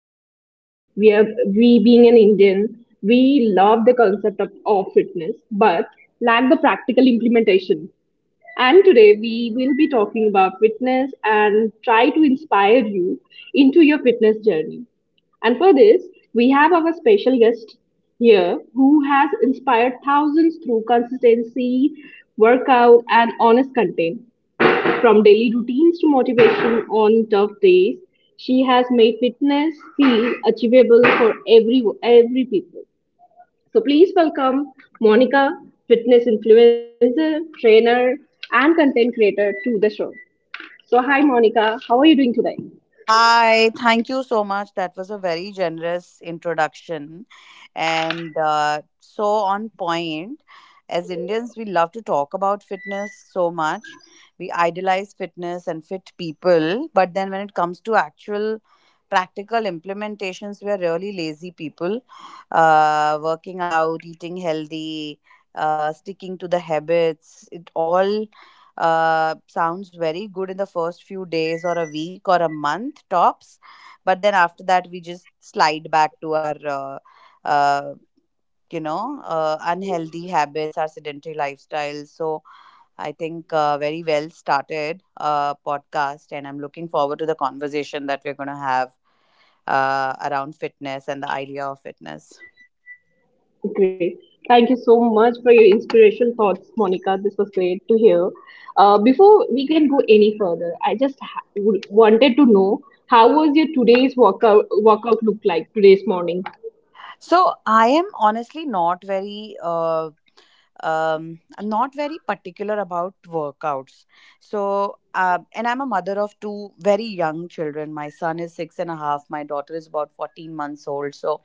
and mindset. We, being an Indian, we love the concept of fitness but lack the practical implementation. And today we will be talking about fitness and try to inspire you into your fitness journey. And for this, we have our special guest here who has inspired thousands through consistency, workout, and honest content. From daily routines to motivation on tough days, she has made fitness feel achievable for every people. So please welcome Monica, fitness influencer, trainer, and content creator to the show. So hi Monica, how are you doing today? Hi, thank you so much. That was a very generous introduction. And so on point. As Indians, we love to talk about fitness so much. We idolize fitness and fit people. But then when it comes to actual practical implementations, we are really lazy people. Working out, eating healthy, sticking to the habits, it all sounds very good in the first few days or a week or a month tops, but then after that we just slide back to our uh, unhealthy habits, our sedentary lifestyles. So I think very well started podcast, and I'm looking forward to the conversation that we're going to have around fitness and the idea of fitness. Great. Thank you so much for your inspiration thoughts, Monica. This was great to hear. Before we can go any further, I just wanted to know how was your today's workout look like today's morning? So I am honestly not very I'm not very particular about workouts. So, and I'm a mother of two very young children. My son is six and a half, my daughter is about 14 months old. So,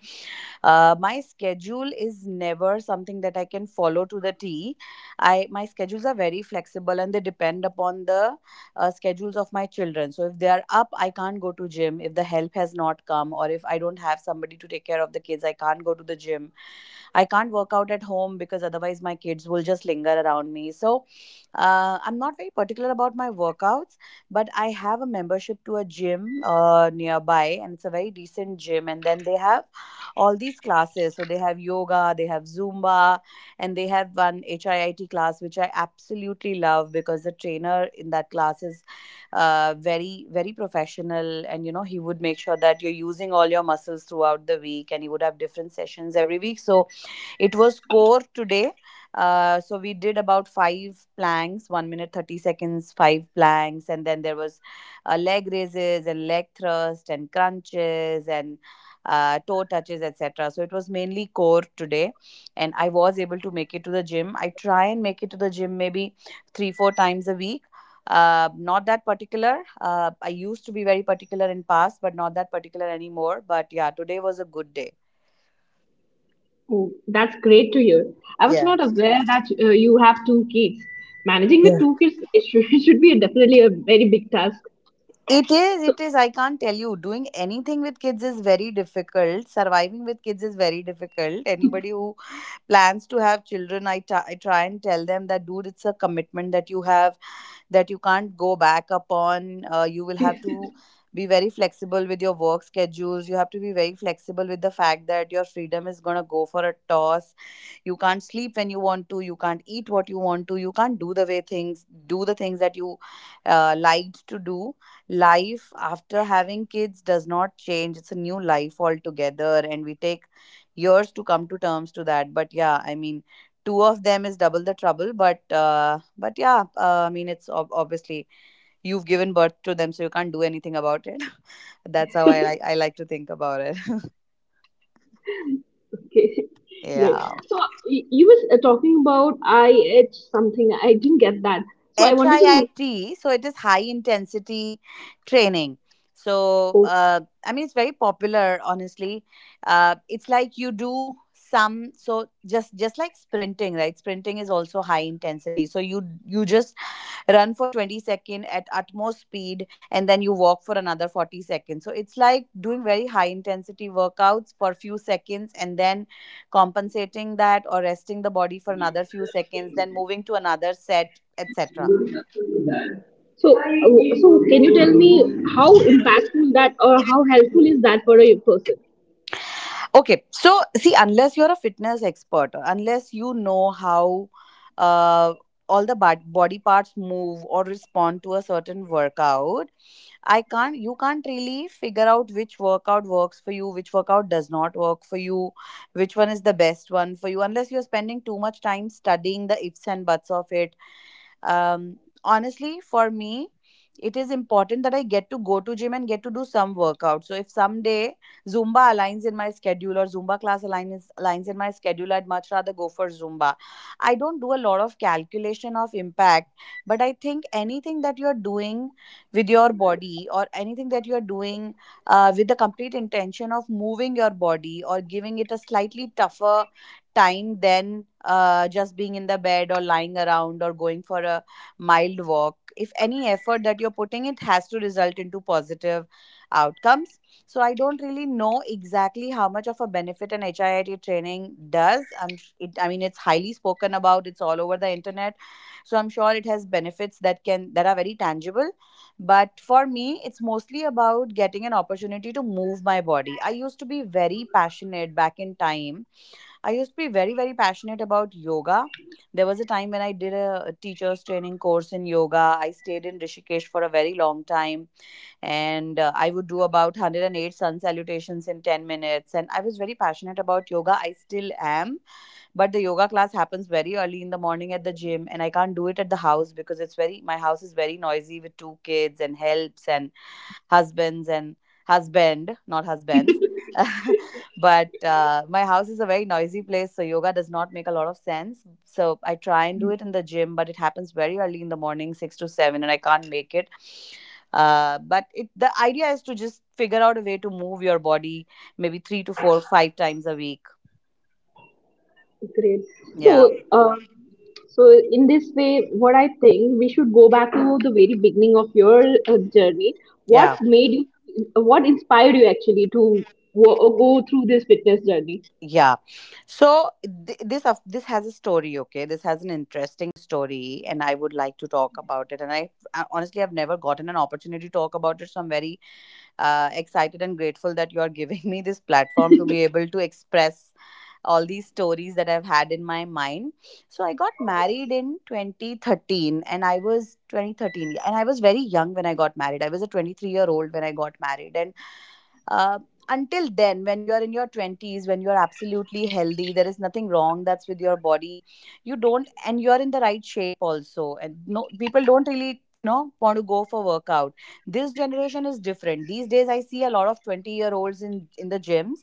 my schedule is never something that I can follow to the T. I my schedules are very flexible, and they depend upon the schedules of my children. So, if they are up, I can't go to gym. If the help has not come, or if I don't have somebody to take care of the kids, I can't go to the gym. I can't work out at home because otherwise my kids will just linger around me. So I'm not very particular about my workouts, but I have a membership to a gym nearby, and it's a very decent gym. And then they have all these classes. So they have yoga, they have Zumba, and they have one HIIT class, which I absolutely love because the trainer in that class is very, very professional. And, he would make sure that you're using all your muscles throughout the week, and he would have different sessions every week. So it was core today. So we did about five planks, 1 minute, 30 seconds, five planks. And then there was leg raises and leg thrust and crunches and toe touches, etc. So it was mainly core today. And I was able to make it to the gym. I try and make it to the gym maybe 3, 4 times a week. Not that particular. I used to be very particular in past, but not that particular anymore. But yeah, today was a good day. Oh, that's great to hear. I was Yeah. not aware that you have two kids. Managing with two kids it should, should be definitely a very big task. It is, So, it is. I can't tell you. Doing anything with kids is very difficult. Surviving with kids is very difficult. Anybody who plans to have children, I try and tell them that, dude, it's a commitment that you have that you can't go back upon. You will have to be very flexible with your work schedules. You have to be very flexible with the fact that your freedom is going to go for a toss. You can't sleep when you want to. You can't eat what you want to. You can't do the way things, do the things that you liked to do. Life after having kids does not change. It's a new life altogether. And we take years to come to terms to that. But yeah, I mean, two of them is double the trouble, but yeah, I mean it's obviously you've given birth to them, so you can't do anything about it. That's how I like to think about it. okay, great. Yeah. So you was talking about IH something. I didn't get that. So I wanted to know. HIIT, so it is high intensity training. So, More. I mean, it's very popular, honestly. It's like you do some, so just like sprinting, right? Sprinting is also high intensity. So you just run for 20 seconds at utmost speed, and then you walk for another 40 seconds. So it's like doing very high intensity workouts for a few seconds, and then compensating that or resting the body for another few seconds, then moving to another set, etc. So, so can you tell me how impactful that or how helpful is that for a person? Okay, so see, unless you're a fitness expert, or unless you know how uh, all the body parts move or respond to a certain workout, I can't, you can't really figure out which workout works for you, which workout does not work for you, which one is the best one for you, unless you're spending too much time studying the ifs and buts of it. Um, honestly, for me, it is important that I get to go to gym and get to do some workout. So if someday Zumba aligns in my schedule, or Zumba class aligns in my schedule, I'd much rather go for Zumba. I don't do a lot of calculation of impact, but I think anything that you're doing with your body, or anything that you're doing with the complete intention of moving your body, or giving it a slightly tougher time than just being in the bed or lying around or going for a mild walk, if any effort that you're putting it, has to result into positive outcomes. So I don't really know exactly how much of a benefit an HIIT training does. I mean, it's highly spoken about, it's all over the internet, so I'm sure it has benefits that are very tangible. But for me it's mostly about getting an opportunity to move my body. I used to be very passionate back in time. I used to be very, very passionate about yoga. There was a time when I did a teacher's training course in yoga. I stayed in Rishikesh for a very long time, and I would do about 108 sun salutations in 10 minutes. And I was very passionate about yoga. I still am, but the yoga class happens very early in the morning at the gym, and I can't do it at the house because it's very my house is very noisy with two kids and helps and husbands and husband, not husbands. But my house is a very noisy place, so yoga does not make a lot of sense. So I try and do it in the gym, but it happens very early in the morning, 6 to 7, and I can't make it. But it The idea is to just figure out a way to move your body maybe 3 to 4, 5 times a week. Great. Yeah. So, so in this way, what I think we should go back to the very beginning of your journey. What Yeah. made you? What inspired you actually to go through this fitness journey? Yeah. So this has a story, okay? This has an interesting story, and I would like to talk about it. And I honestly I've never gotten an opportunity to talk about it, so I'm very excited and grateful that you are giving me this platform to be able to express all these stories that I've had in my mind. So I got married in 2013, and I was 2013, and I was very young when I got married. I was a 23-year-old when I got married. And uh, until then, when you're in your 20s, when you're absolutely healthy, there is nothing wrong that's with your body. You don't, and you're in the right shape also. And no, people don't really, want to go for workout. This generation is different. These days, I see a lot of 20-year-olds in the gyms.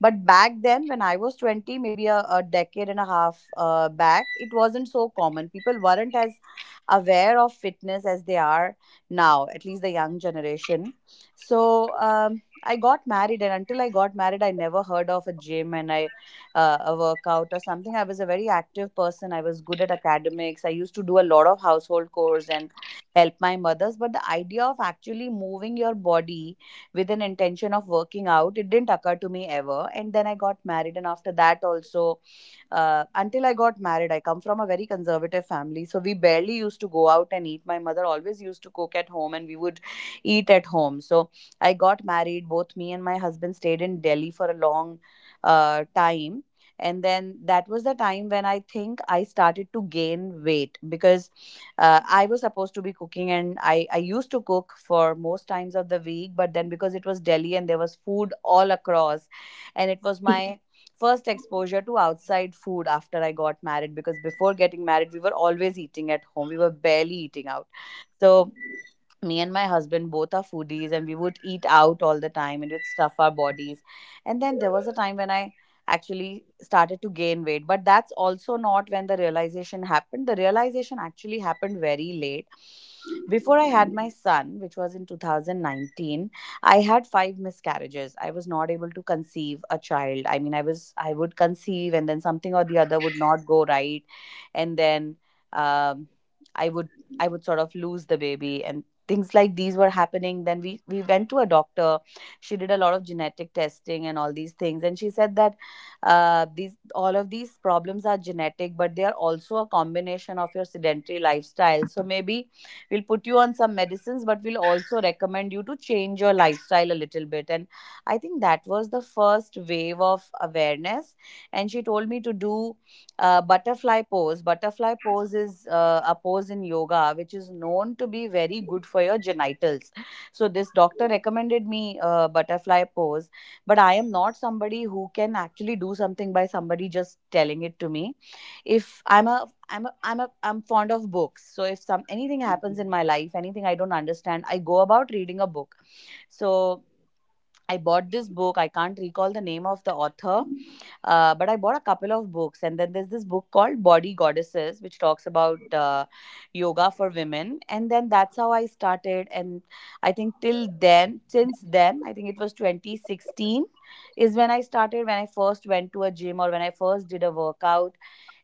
But back then, when I was 20, maybe a decade and a half back, it wasn't so common. People weren't as aware of fitness as they are now, at least the young generation. So, I got married, and until I got married, I never heard of a gym and I a workout or something. I was a very active person. I was good at academics. I used to do a lot of household chores and help my mothers. But the idea of actually moving your body with an intention of working out, it didn't occur to me ever. And then I got married, and after that also, until I got married, I come from a very conservative family, so we barely used to go out and eat. My mother always used to cook at home, and we would eat at home. So I got married. Both me and my husband stayed in Delhi for a long time. And then that was the time when I think I started to gain weight, because I was supposed to be cooking, and I used to cook for most times of the week. But then because it was Delhi and there was food all across, and it was my first exposure to outside food after I got married, because before getting married, we were always eating at home, we were barely eating out. So me and my husband both are foodies, and we would eat out all the time, and it would stuff our bodies. And then there was a time when I actually started to gain weight, but that's also not when the realization happened. The realization actually happened very late, before I had my son, which was in 2019. I had five miscarriages. I was not able to conceive a child. I mean, I would conceive, and then something or the other would not go right. And then um, i would I would sort of lose the baby, and things like these were happening. Then we went to a doctor. She did a lot of genetic testing and all these things, and she said that these all of these problems are genetic, but they are also a combination of your sedentary lifestyle. So maybe we'll put you on some medicines, but we'll also recommend you to change your lifestyle a little bit. And I think that was the first wave of awareness. And she told me to do butterfly pose. Butterfly pose is a pose in yoga, which is known to be very good for your genitals. So this doctor recommended me butterfly pose, but I am not somebody who can actually do something by somebody just telling it to me. If I'm a I'm a, I'm a, I'm fond of books. So if some anything happens in my life, anything I don't understand, I go about reading a book. So I bought this book. I can't recall the name of the author, but I bought a couple of books, and then there's this book called Body Goddesses, which talks about yoga for women. And then that's how I started. And I think since then, I think it was 2016 is when I started, when I first went to a gym or when I first did a workout.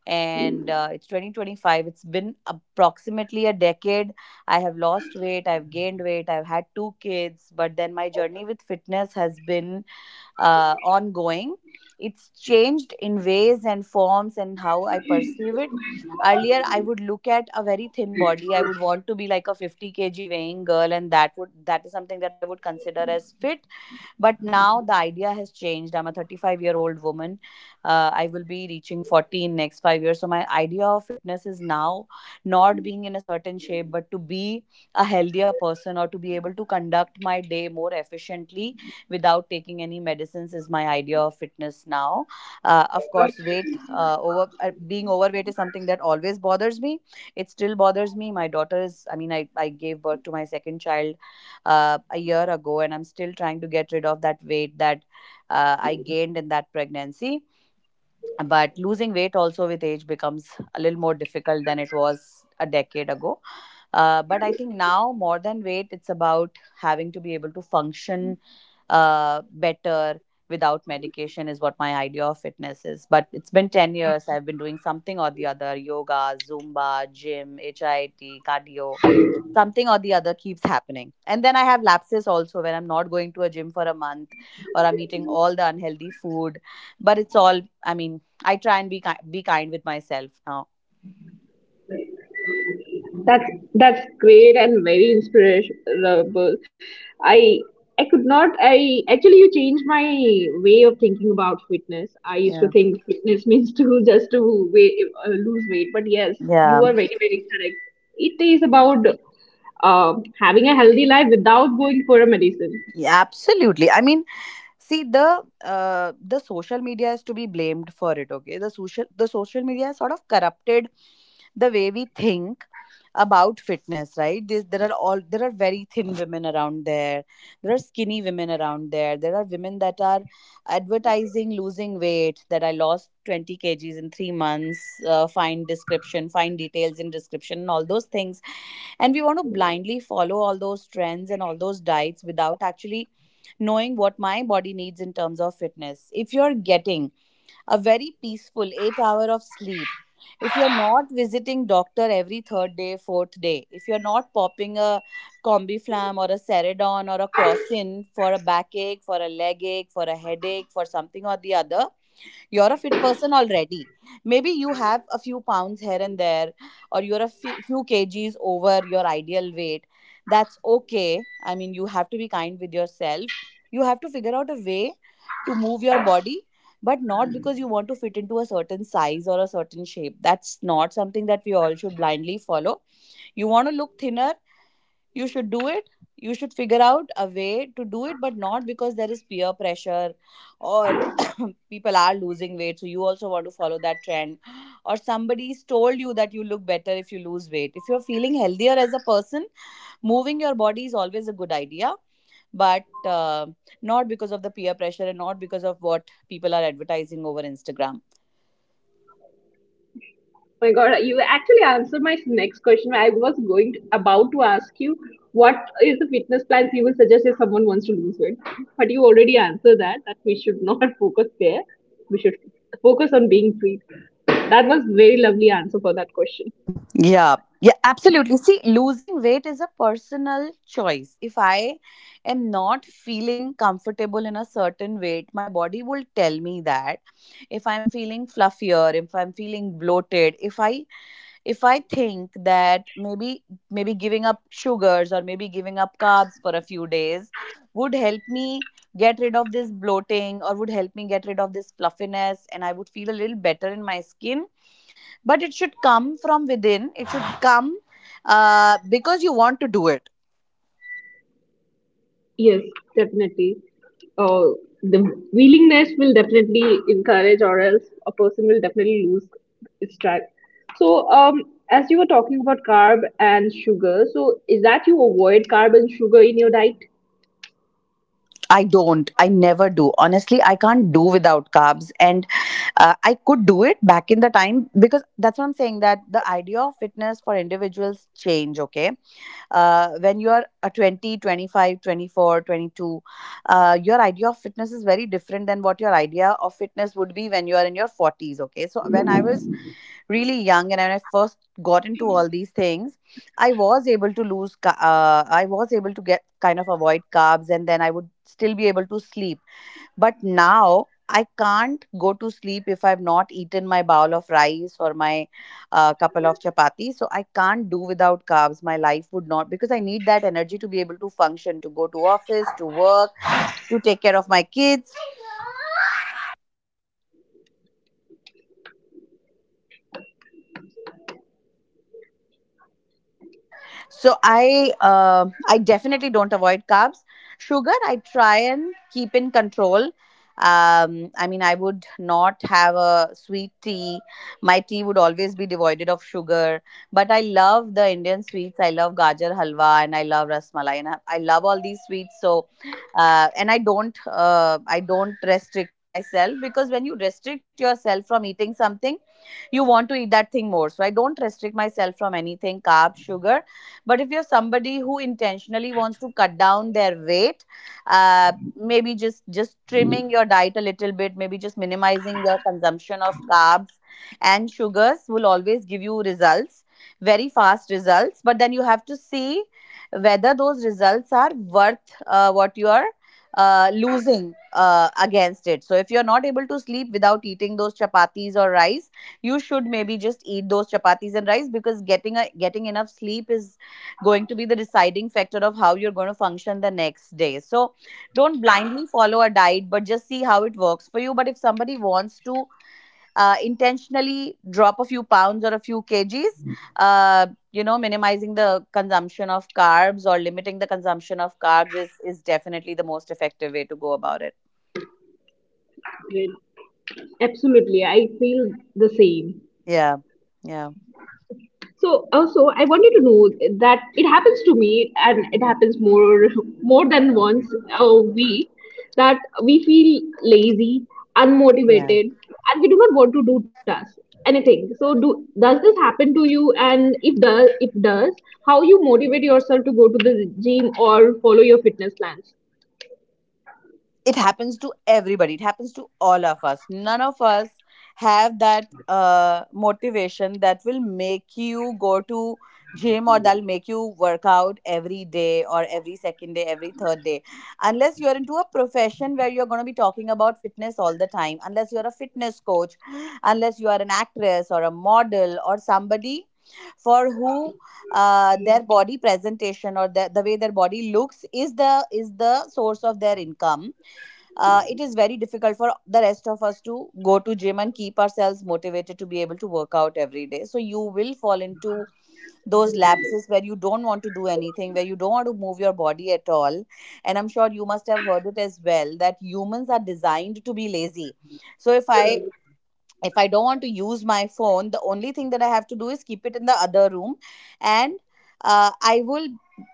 And it's 2025. It's been approximately a decade. I have lost weight, I've gained weight, I've had two kids, but then my journey with fitness has been ongoing. It's changed in ways and forms and how I perceive it. Earlier, I would look at a very thin body. I would want to be like a 50 kg weighing girl, and that is something that I would consider as fit. But now the idea has changed. I'm a 35-year-old woman. I will be reaching 40 in next 5 years. So my idea of fitness is now not being in a certain shape, but to be a healthier person or to be able to conduct my day more efficiently without taking any medicines is my idea of fitness now. Of course, weight over being overweight is something that always bothers me. It still bothers me. My daughter is. I mean, I gave birth to my second child a year ago, and I'm still trying to get rid of that weight that I gained in that pregnancy. But losing weight also with age becomes a little more difficult than it was a decade ago, but I think now, more than weight, it's about having to be able to function better without medication is what my idea of fitness is. But it's been 10 years, I've been doing something or the other: yoga, zumba, gym, HIIT, cardio. Something or the other keeps happening, and then I have lapses also when I'm not going to a gym for a month, or I'm eating all the unhealthy food. But it's all, I mean, I try and be kind with myself now. That's that's great and very inspirational. I I could not. I actually you changed my way of thinking about fitness. I used to Yeah. think fitness means to just to weight, lose weight, but yes, you Yeah, are very correct. It is about uh, having a healthy life without going for a medicine. yeah, absolutely. I mean, see, the social media is to be blamed for it. Okay, the social media has sort of corrupted the way we think about fitness, right? There are very thin women around there, there are skinny women around there, there are women that are advertising losing weight that I lost 20 kgs in 3 months. Find details in description and all those things. And we want to blindly follow all those trends and all those diets without actually knowing what my body needs in terms of fitness. If you're getting a very peaceful 8 hour of sleep, if you're not visiting doctor every third day, fourth day, if you're not popping a Combiflam or a Ceridon or a Crossin for a backache, for a leg ache, for a headache, for something or the other, you're a fit person already. Maybe you have a few pounds here and there, or you're a few kgs over your ideal weight. That's okay. I mean, you have to be kind with yourself. You have to figure out a way to move your body, but not because you want to fit into a certain size or a certain shape. That's not something that we all should blindly follow. You want to look thinner, you should do it, you should figure out a way to do it, but not because there is peer pressure or people are losing weight, so you also want to follow that trend, or somebody's told you that you look better if you lose weight. If you're feeling healthier as a person, moving your body is always a good idea, but not because of the peer pressure and not because of what people are advertising over Instagram. Oh my god, you actually answered my next question. I was going to, about to ask you what is the fitness plans you will suggest if someone wants to lose weight, but you already answered that, that we should not focus there. We should focus on being fit. That was very lovely answer for that question. Yeah, yeah, absolutely. See, losing weight is a personal choice. If I am not feeling comfortable in a certain weight, my body will tell me that. If I'm feeling fluffier, if I'm feeling bloated, if I think that maybe giving up sugars or maybe giving up carbs for a few days would help me get rid of this bloating or would help me get rid of this fluffiness, and I would feel a little better in my skin. But it should come from within, it should come because you want to do it. Yes, definitely. The willingness will definitely encourage, or else a person will definitely lose its track. So, as you were talking about carb and sugar, so is that you avoid carb and sugar in your diet? I never do, honestly. I can't do without carbs, and I could do it back in the time, because that's what I'm saying, that the idea of fitness for individuals change. Okay, when you are a 20, 25, 24, 22, your idea of fitness is very different than what your idea of fitness would be when you are in your 40s. Okay, so when I was really young, and when I first got into all these things, I was able to get kind of avoid carbs, and then I would still be able to sleep. But now I can't go to sleep if I've not eaten my bowl of rice or my couple of chapati. So I can't do without carbs. My life would not, because I need that energy to be able to function, to go to office, to work, to take care of my kids. I definitely don't avoid carbs. Sugar I try and keep in control. I mean, I would not have a sweet tea. My tea would always be devoided of sugar. But I love the Indian sweets. I love gajar halwa and I love rasmalai, and I love all these sweets. So and I don't restrict myself, because when you restrict yourself from eating something, you want to eat that thing more. So I don't restrict myself from anything, carbs, sugar. But if you're somebody who intentionally wants to cut down their weight, maybe just trimming your diet a little bit, maybe just minimizing your consumption of carbs and sugars will always give you results, very fast results. But then you have to see whether those results are worth what you are losing against it. So if you're not able to sleep without eating those chapatis or rice, you should maybe just eat those chapatis and rice, because getting enough sleep is going to be the deciding factor of how you're going to function the next day. So don't blindly follow a diet, but just see how it works for you. But if somebody wants to intentionally drop a few pounds or a few kgs, uh, minimizing the consumption of carbs or limiting the consumption of carbs is definitely the most effective way to go about it. Right. Absolutely, I feel the same. Yeah. Yeah, So also, I wanted to know that it happens to me, and it happens more than once a week that we feel lazy, yeah. unmotivated, and we do not want to do tasks anything. So do does this happen to you? And if does, how you motivate yourself to go to the gym or follow your fitness plans? It happens to everybody. It happens to all of us. None of us have that motivation that will make you go to gym, or that'll make you work out every day, or every second day, every third day, unless you're into a profession where you're going to be talking about fitness all the time, unless you're a fitness coach unless you are an actress or a model or somebody for who their body presentation, or the way their body looks is the source of their income. Uh, it is very difficult for the rest of us to go to gym and keep ourselves motivated to be able to work out every day. So you will fall into those lapses where you don't want to do anything, where you don't want to move your body at all. And I'm sure you must have heard it as well, that humans are designed to be lazy. So if I don't want to use my phone, the only thing that I have to do is keep it in the other room. And uh, i will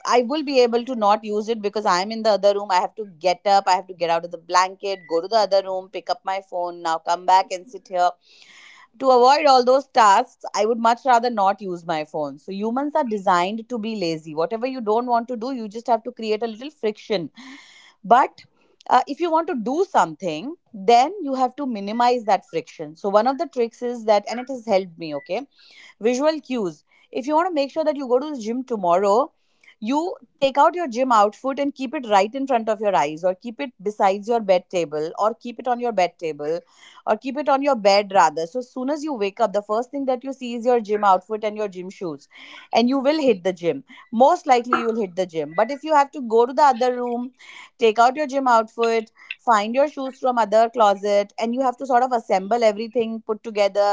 I will be able to not use it because I am in the other room. I have to get up, I have to get out of the blanket, go to the other room, pick up my phone, now come back and sit here. To avoid all those tasks, I would much rather not use my phone. So humans are designed to be lazy. Whatever you don't want to do, you just have to create a little friction. But if you want to do something, then you have to minimize that friction. So one of the tricks is that, and it has helped me, okay, visual cues. If you want to make sure that you go to the gym tomorrow, you take out your gym outfit and keep it right in front of your eyes, or keep it besides your bed table, or keep it on your bed table, or keep it on your bed rather. So as soon as you wake up, the first thing that you see is your gym outfit and your gym shoes, and you will hit the gym. Most likely you'll hit the gym. But if you have to go to the other room, take out your gym outfit, find your shoes from other closet, and you have to sort of assemble everything, put together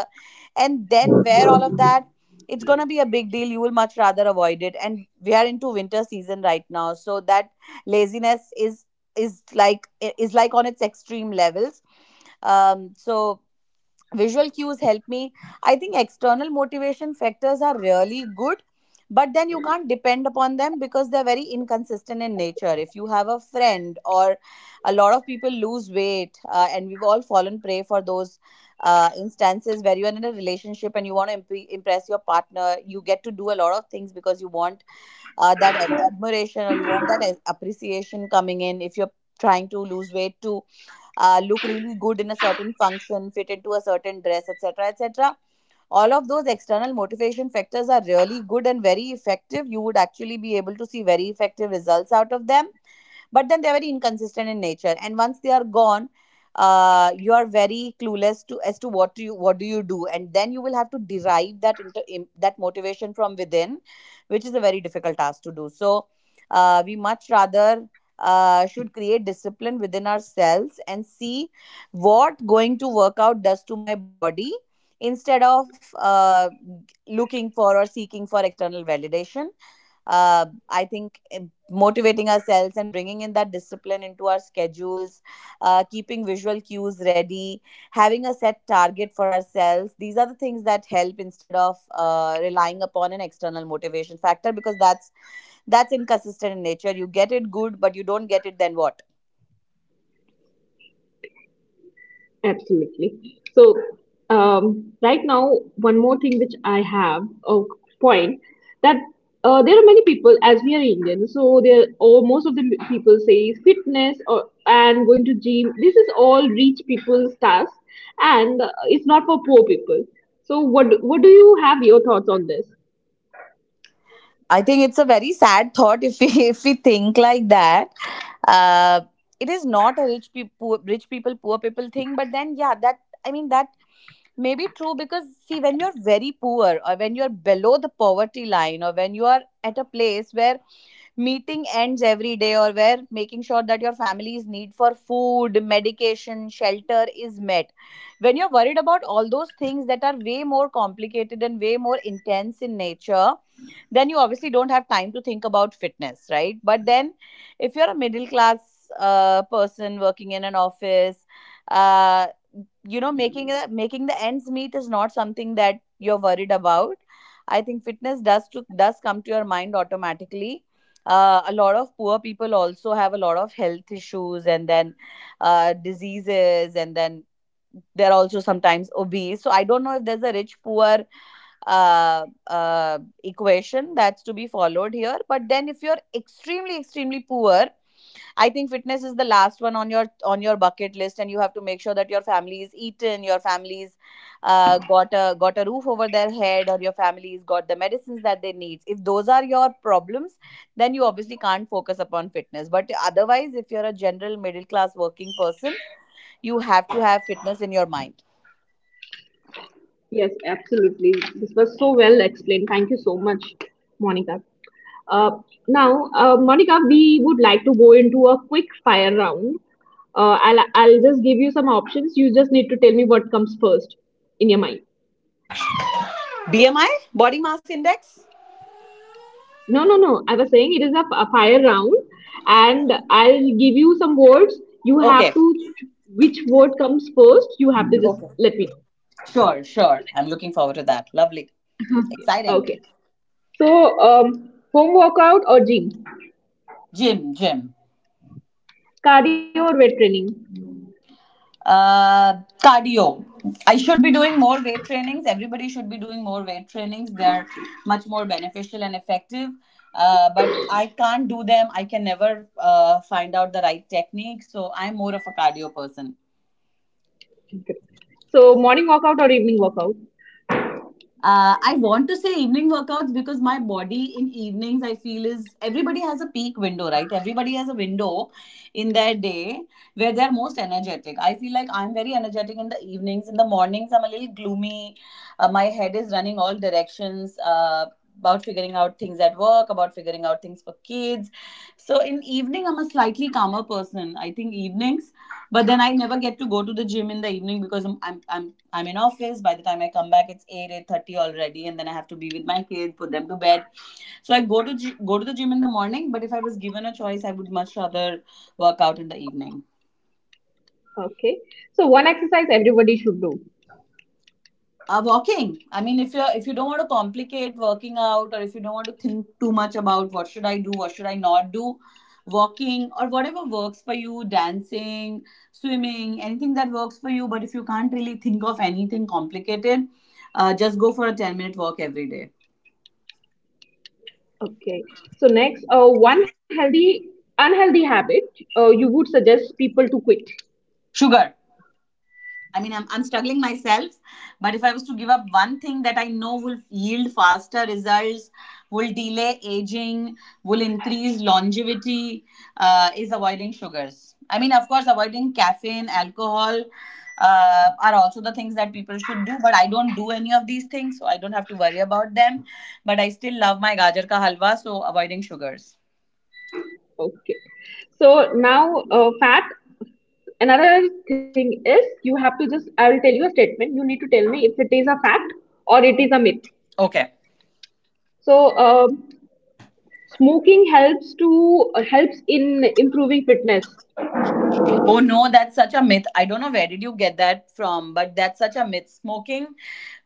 and then wear all of that, it's going to be a big deal. You will much rather avoid it. And we are into winter season right now, so that laziness is, is like is like on its extreme levels. So visual cues help me. I think external motivation factors are really good, but then you can't depend upon them because they're very inconsistent in nature. If you have a friend, or a lot of people lose weight, and we've all fallen prey for those instances where you're in a relationship and you want to impress your partner. You get to do a lot of things because you want that admiration, or you want that appreciation coming in. If you're trying to lose weight too, look really good in a certain function, fit into a certain dress, etc., etc. All of those external motivation factors are really good and very effective. You would actually be able to see very effective results out of them, but then they're very inconsistent in nature. And once they are gone, you are very clueless to as to what do you do. And then you will have to derive that into that motivation from within, which is a very difficult task to do. So we much rather should create discipline within ourselves and see what going to work out does to my body, instead of looking for or seeking for external validation. I think motivating ourselves and bringing in that discipline into our schedules, keeping visual cues ready, having a set target for ourselves, these are the things that help, instead of relying upon an external motivation factor, because that's inconsistent in nature. You get it good, but you don't get it, then what? Absolutely. So, right now, one more thing which I have a point that there are many people as we are Indian, so there or most of the people say fitness or and going to gym. This is all rich people's task, and it's not for poor people. So, what what do you have your thoughts on this? I think it's a very sad thought if we if we think like that. Uh, it is not a rich people, poor people thing. But then, yeah, that, I mean that may be true, because see, when you're very poor, or when you're below the poverty line, or when you are at a place where meeting ends every day, or where making sure that your family's need for food, medication, shelter is met, when you're worried about all those things that are way more complicated and way more intense in nature, then you obviously don't have time to think about fitness, right? But then if you're a middle class person working in an office, uh, you know, making the ends meet is not something that you're worried about. I think fitness does come to your mind automatically. A lot of poor people also have a lot of health issues, and then diseases, and then they're also sometimes obese. So I don't know if there's a rich poor equation that's to be followed here. But then if you're extremely extremely poor, I think fitness is the last one on your bucket list. And you have to make sure that your family is eaten, your family's got a roof over their head, or your family's got the medicines that they need. If those are your problems, then you obviously can't focus upon fitness. But otherwise, if you're a general middle class working person, you have to have fitness in your mind. Yes, absolutely. This was so well explained. Thank you so much, Monica. Uh, now, Monica, we would like to go into a quick fire round. I'll just give you some options. You just need to tell me what comes first in your mind. BMI, body mass index. No, no, no. I was saying it is a, a fire round, and I'll give you some words. You have Okay, to, which word comes first, you have to just okay, let me know. sure, sure. I'm looking forward to that. Lovely, exciting. Okay. So, home workout or gym? Gym, gym. Cardio or weight training? uh Cardio. I should be doing more weight trainings. Everybody should be doing more weight trainings. They are much more beneficial and effective. But I can't do them. I can never find out the right technique, so I'm more of a cardio person. Okay. So, morning workout or evening workout? I want to say evening workouts, because my body in evenings, I feel, is, everybody has a peak window, right? Everybody has a window in their day where they're most energetic. I feel like I'm very energetic in the evenings. In the mornings, I'm a little gloomy. My head is running all directions about figuring out things at work, about figuring out things for kids. So in evening, I'm a slightly calmer person. I think evenings, but then I never get to go to the gym in the evening because I'm in office. By the time I come back, it's eight eight thirty already, and then I have to be with my kids, put them to bed. So I go to go to the gym in the morning. But if I was given a choice, I would much rather work out in the evening. Okay. So one exercise everybody should do. Walking. I mean, if you are, if you don't want to complicate working out, or if you don't want to think too much about what should I do, what should I not do, walking, or whatever works for you, dancing, swimming, anything that works for you. But if you can't really think of anything complicated, just go for a 10 minute walk every day. Okay. So next, one healthy, unhealthy habit you would suggest people to quit. Sugar. I mean, I'm struggling myself, but if I was to give up one thing that I know will yield faster results, will delay aging, will increase longevity, is avoiding sugars. I mean, of course, avoiding caffeine, alcohol are also the things that people should do, but I don't do any of these things, so I don't have to worry about them. But I still love my gajar ka halwa, so avoiding sugars. Okay. So now, fat. Another thing is you have to just. I will tell you a statement. You need to tell me if it is a fact or it is a myth. Okay. So smoking helps to helps in improving fitness. Oh no, that's such a myth. I don't know where did you get that from, but that's such a myth. Smoking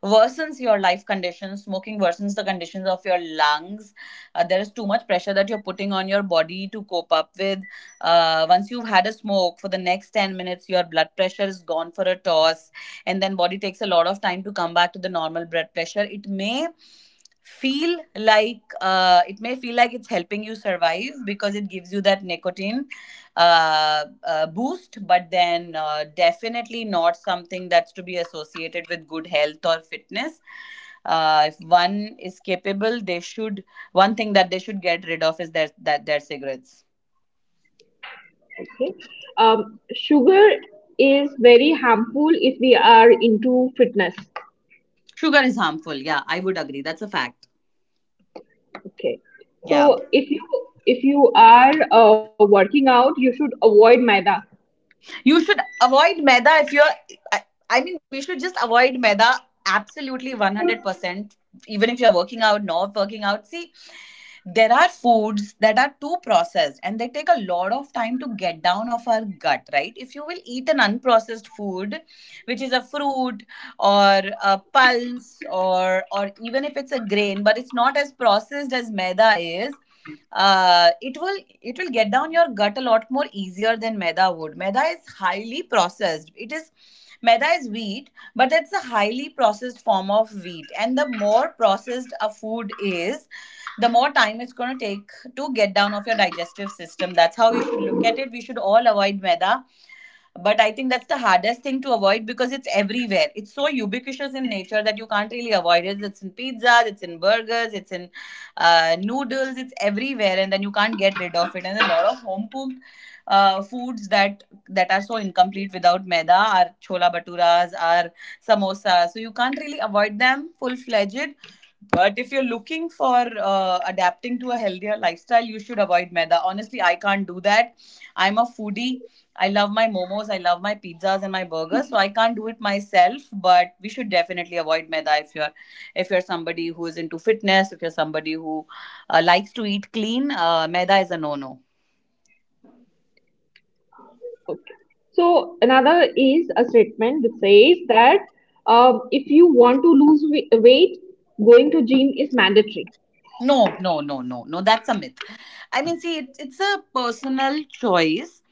worsens your life conditions. Smoking worsens the conditions of your lungs. There is too much pressure that you're putting on your body to cope up with. Once you've had a smoke, for the next 10 minutes, your blood pressure is gone for a toss, and then body takes a lot of time to come back to the normal blood pressure. It may feel like it may feel like it's helping you survive because it gives you that nicotine boost, but then definitely not something that's to be associated with good health or fitness. If one is capable, they should. One thing that they should get rid of is their cigarettes. Okay. Sugar is very harmful if we are into fitness. Sugar is harmful. Yeah, I would agree. That's a fact. Okay. Yeah, So if you are working out, you should avoid maida. you should avoid maida if you're. I, I mean, we should just avoid maida absolutely 100%. Even if you're working out, not working out. See, there are foods that are too processed and they take a lot of time to get down of our gut, right? If you will eat an unprocessed food which is a fruit or a pulse or even if it's a grain but it's not as processed as maida is, it will get down your gut a lot more easier than maida would. Maida is highly processed. It is, maida is wheat but it's a highly processed form of wheat, and the more processed a food is, the more time it's going to take to get down of your digestive system. That's how you should look at it. We should all avoid maida, but I think that's the hardest thing to avoid because it's everywhere. It's so ubiquitous in nature that you can't really avoid it. It's in pizzas, it's in burgers, it's in noodles. It's everywhere and then you can't get rid of it. And a lot of home cooked foods that are so incomplete without maida are chola baturas, are samosas. So you can't really avoid them full fledged. But if you're looking for adapting to a healthier lifestyle, you should avoid maida. Honestly, I can't do that. I'm a foodie. I love my momos, I love my pizzas and my burgers, so I can't do it myself. But we should definitely avoid maida if you're somebody who is into fitness, if you're somebody who likes to eat clean. Maida is a no no. Okay. So another is a statement that says that if you want to lose weight, going to gym is mandatory. No no no no no. That's a myth. I mean, see, it's a personal choice.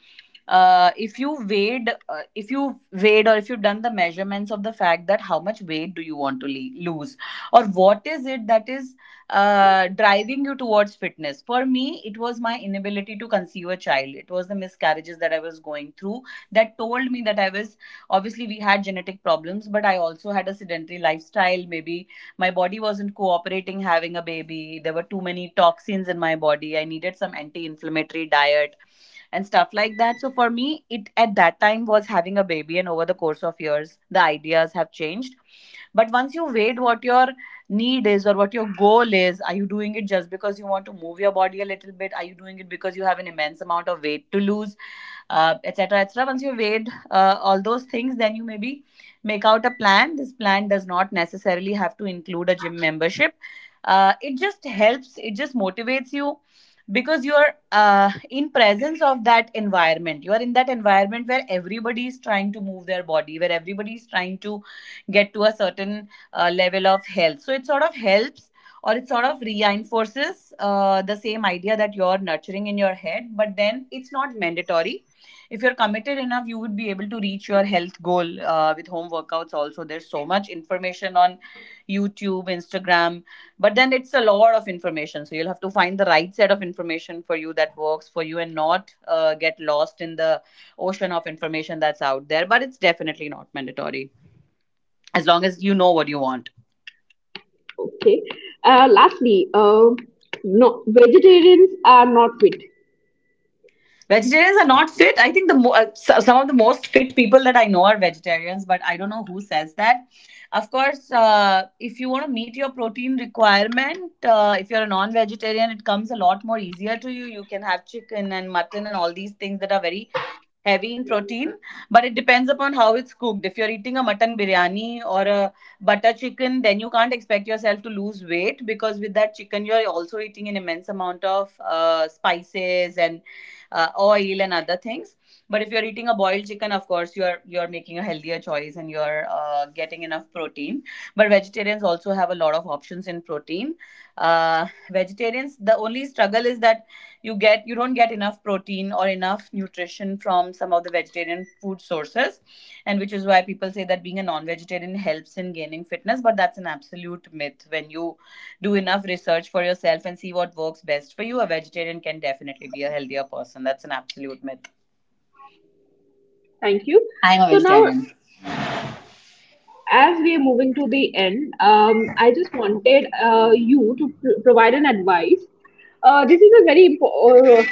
If you weighed, or if you've done the measurements of the fact that how much weight do you want to lose, or what is it that is driving you towards fitness? For me, it was my inability to conceive a child. It was the miscarriages that I was going through that told me that I was obviously we had genetic problems, but I also had a sedentary lifestyle. Maybe my body wasn't cooperating having a baby. There were too many toxins in my body. I needed some anti-inflammatory diet and stuff like that. So for me, it at that time was having a baby, and over the course of years the ideas have changed. But once you weighed what your need is or what your goal is, are you doing it just because you want to move your body a little bit? Are you doing it because you have an immense amount of weight to lose, etc, etc, et cetera. Once you weighed all those things, then you maybe make out a plan. This plan does not necessarily have to include a gym membership. It just helps, it just motivates you because you're in presence of that environment. You are in that environment where everybody is trying to move their body, where everybody is trying to get to a certain level of health. So it sort of helps or it sort of reinforces the same idea that you're nurturing in your head. But then it's not mandatory. If you're committed enough, you would be able to reach your health goal with home workouts also. There's so much information on YouTube, Instagram, but then it's a lot of information, so you'll have to find the right set of information for you that works for you and not get lost in the ocean of information that's out there. But it's definitely not mandatory as long as you know what you want. Okay. Lastly, no vegetarians are not fit. Vegetarians are not fit. I think the some of the most fit people that I know are vegetarians, but I don't know who says that. Of course, if you want to meet your protein requirement, if you're a non-vegetarian, it comes a lot more easier to you. You can have chicken and mutton and all these things that are very heavy in protein, but it depends upon how it's cooked. If you're eating a mutton biryani or a butter chicken, then you can't expect yourself to lose weight because with that chicken, you're also eating an immense amount of spices and oil and other things. But if you're eating a boiled chicken, of course, you're making a healthier choice and you're getting enough protein. But vegetarians also have a lot of options in protein. Vegetarians, the only struggle is that you don't get enough protein or enough nutrition from some of the vegetarian food sources, and which is why people say that being a non-vegetarian helps in gaining fitness. But that's an absolute myth. When you do enough research for yourself and see what works best for you, a vegetarian can definitely be a healthier person. That's an absolute myth. Thank you. I'm a So now, vegetarian. as we are moving to the end, I just wanted you to provide an advice. This is a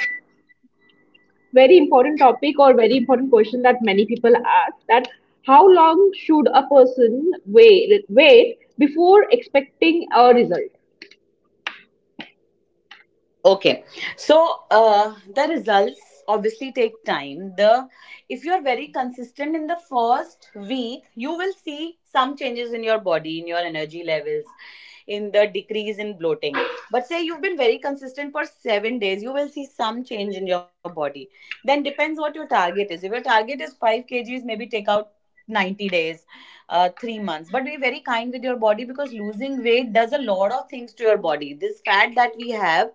very important topic or very important question that many people ask, that how long should a person wait before expecting a result. Okay, so the results obviously take time. The If you're very consistent in the first week, you will see some changes in your body, in your energy levels, in the decrease in bloating. But say you've been very consistent for 7 days, you will see some change in your body. Then depends what your target is. If your target is 5 kgs, maybe take out 90 days, 3 months. But be very kind with your body because losing weight does a lot of things to your body. This fat that we have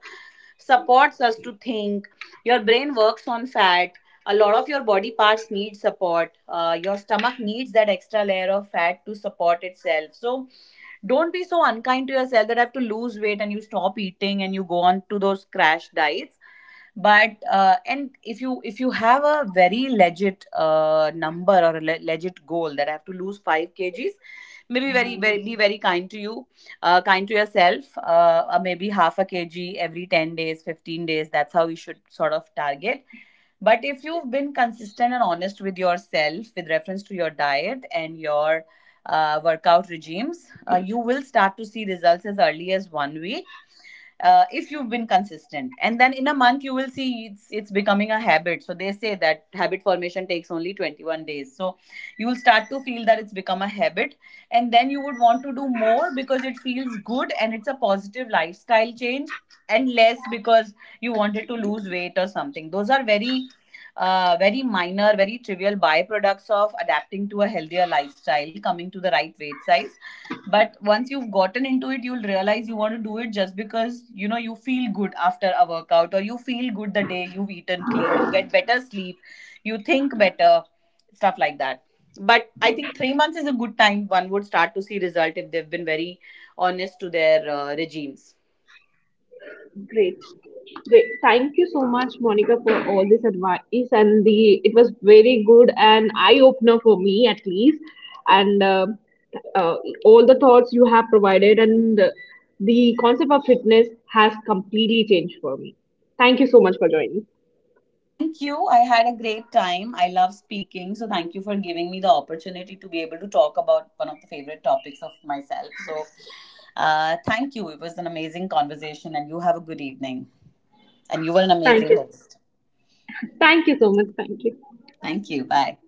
supports us to think. Your brain works on fat. A lot of your body parts need support. Your stomach needs that extra layer of fat to support itself. So don't be so unkind to yourself that I have to lose weight and you stop eating and you go on to those crash diets. But and if you have a very legit number or a legit goal that I have to lose 5 kgs, maybe very very be very kind to you, kind to yourself. Maybe half a kg every 10 days, 15 days. That's how we should sort of target. But if you've been consistent and honest with yourself with reference to your diet and your workout regimes, you will start to see results as early as 1 week if you've been consistent. And then in a month you will see it's becoming a habit. So they say that habit formation takes only 21 days, so you will start to feel that it's become a habit. And then you would want to do more because it feels good and it's a positive lifestyle change, and less because you wanted to lose weight or something. Those are very very minor, very trivial byproducts of adapting to a healthier lifestyle, coming to the right weight size. But once you've gotten into it, you'll realize you want to do it just because, you know, you feel good after a workout, or you feel good the day you've eaten clean, you get better sleep, you think better, stuff like that. But I think 3 months is a good time one would start to see result if they've been very honest to their regimes. Great, great, thank you so much Monica for all this advice and the it was very good and eye opener for me at least, and uh, all the thoughts you have provided, and the concept of fitness has completely changed for me. Thank you so much for joining. Thank you. I had a great time. I love speaking. So thank you for giving me the opportunity to be able to talk about one of the favorite topics of myself. So thank you. It was an amazing conversation, and you have a good evening. And you were an Thank amazing you. host. Thank you so much, thank you. Thank you. Bye.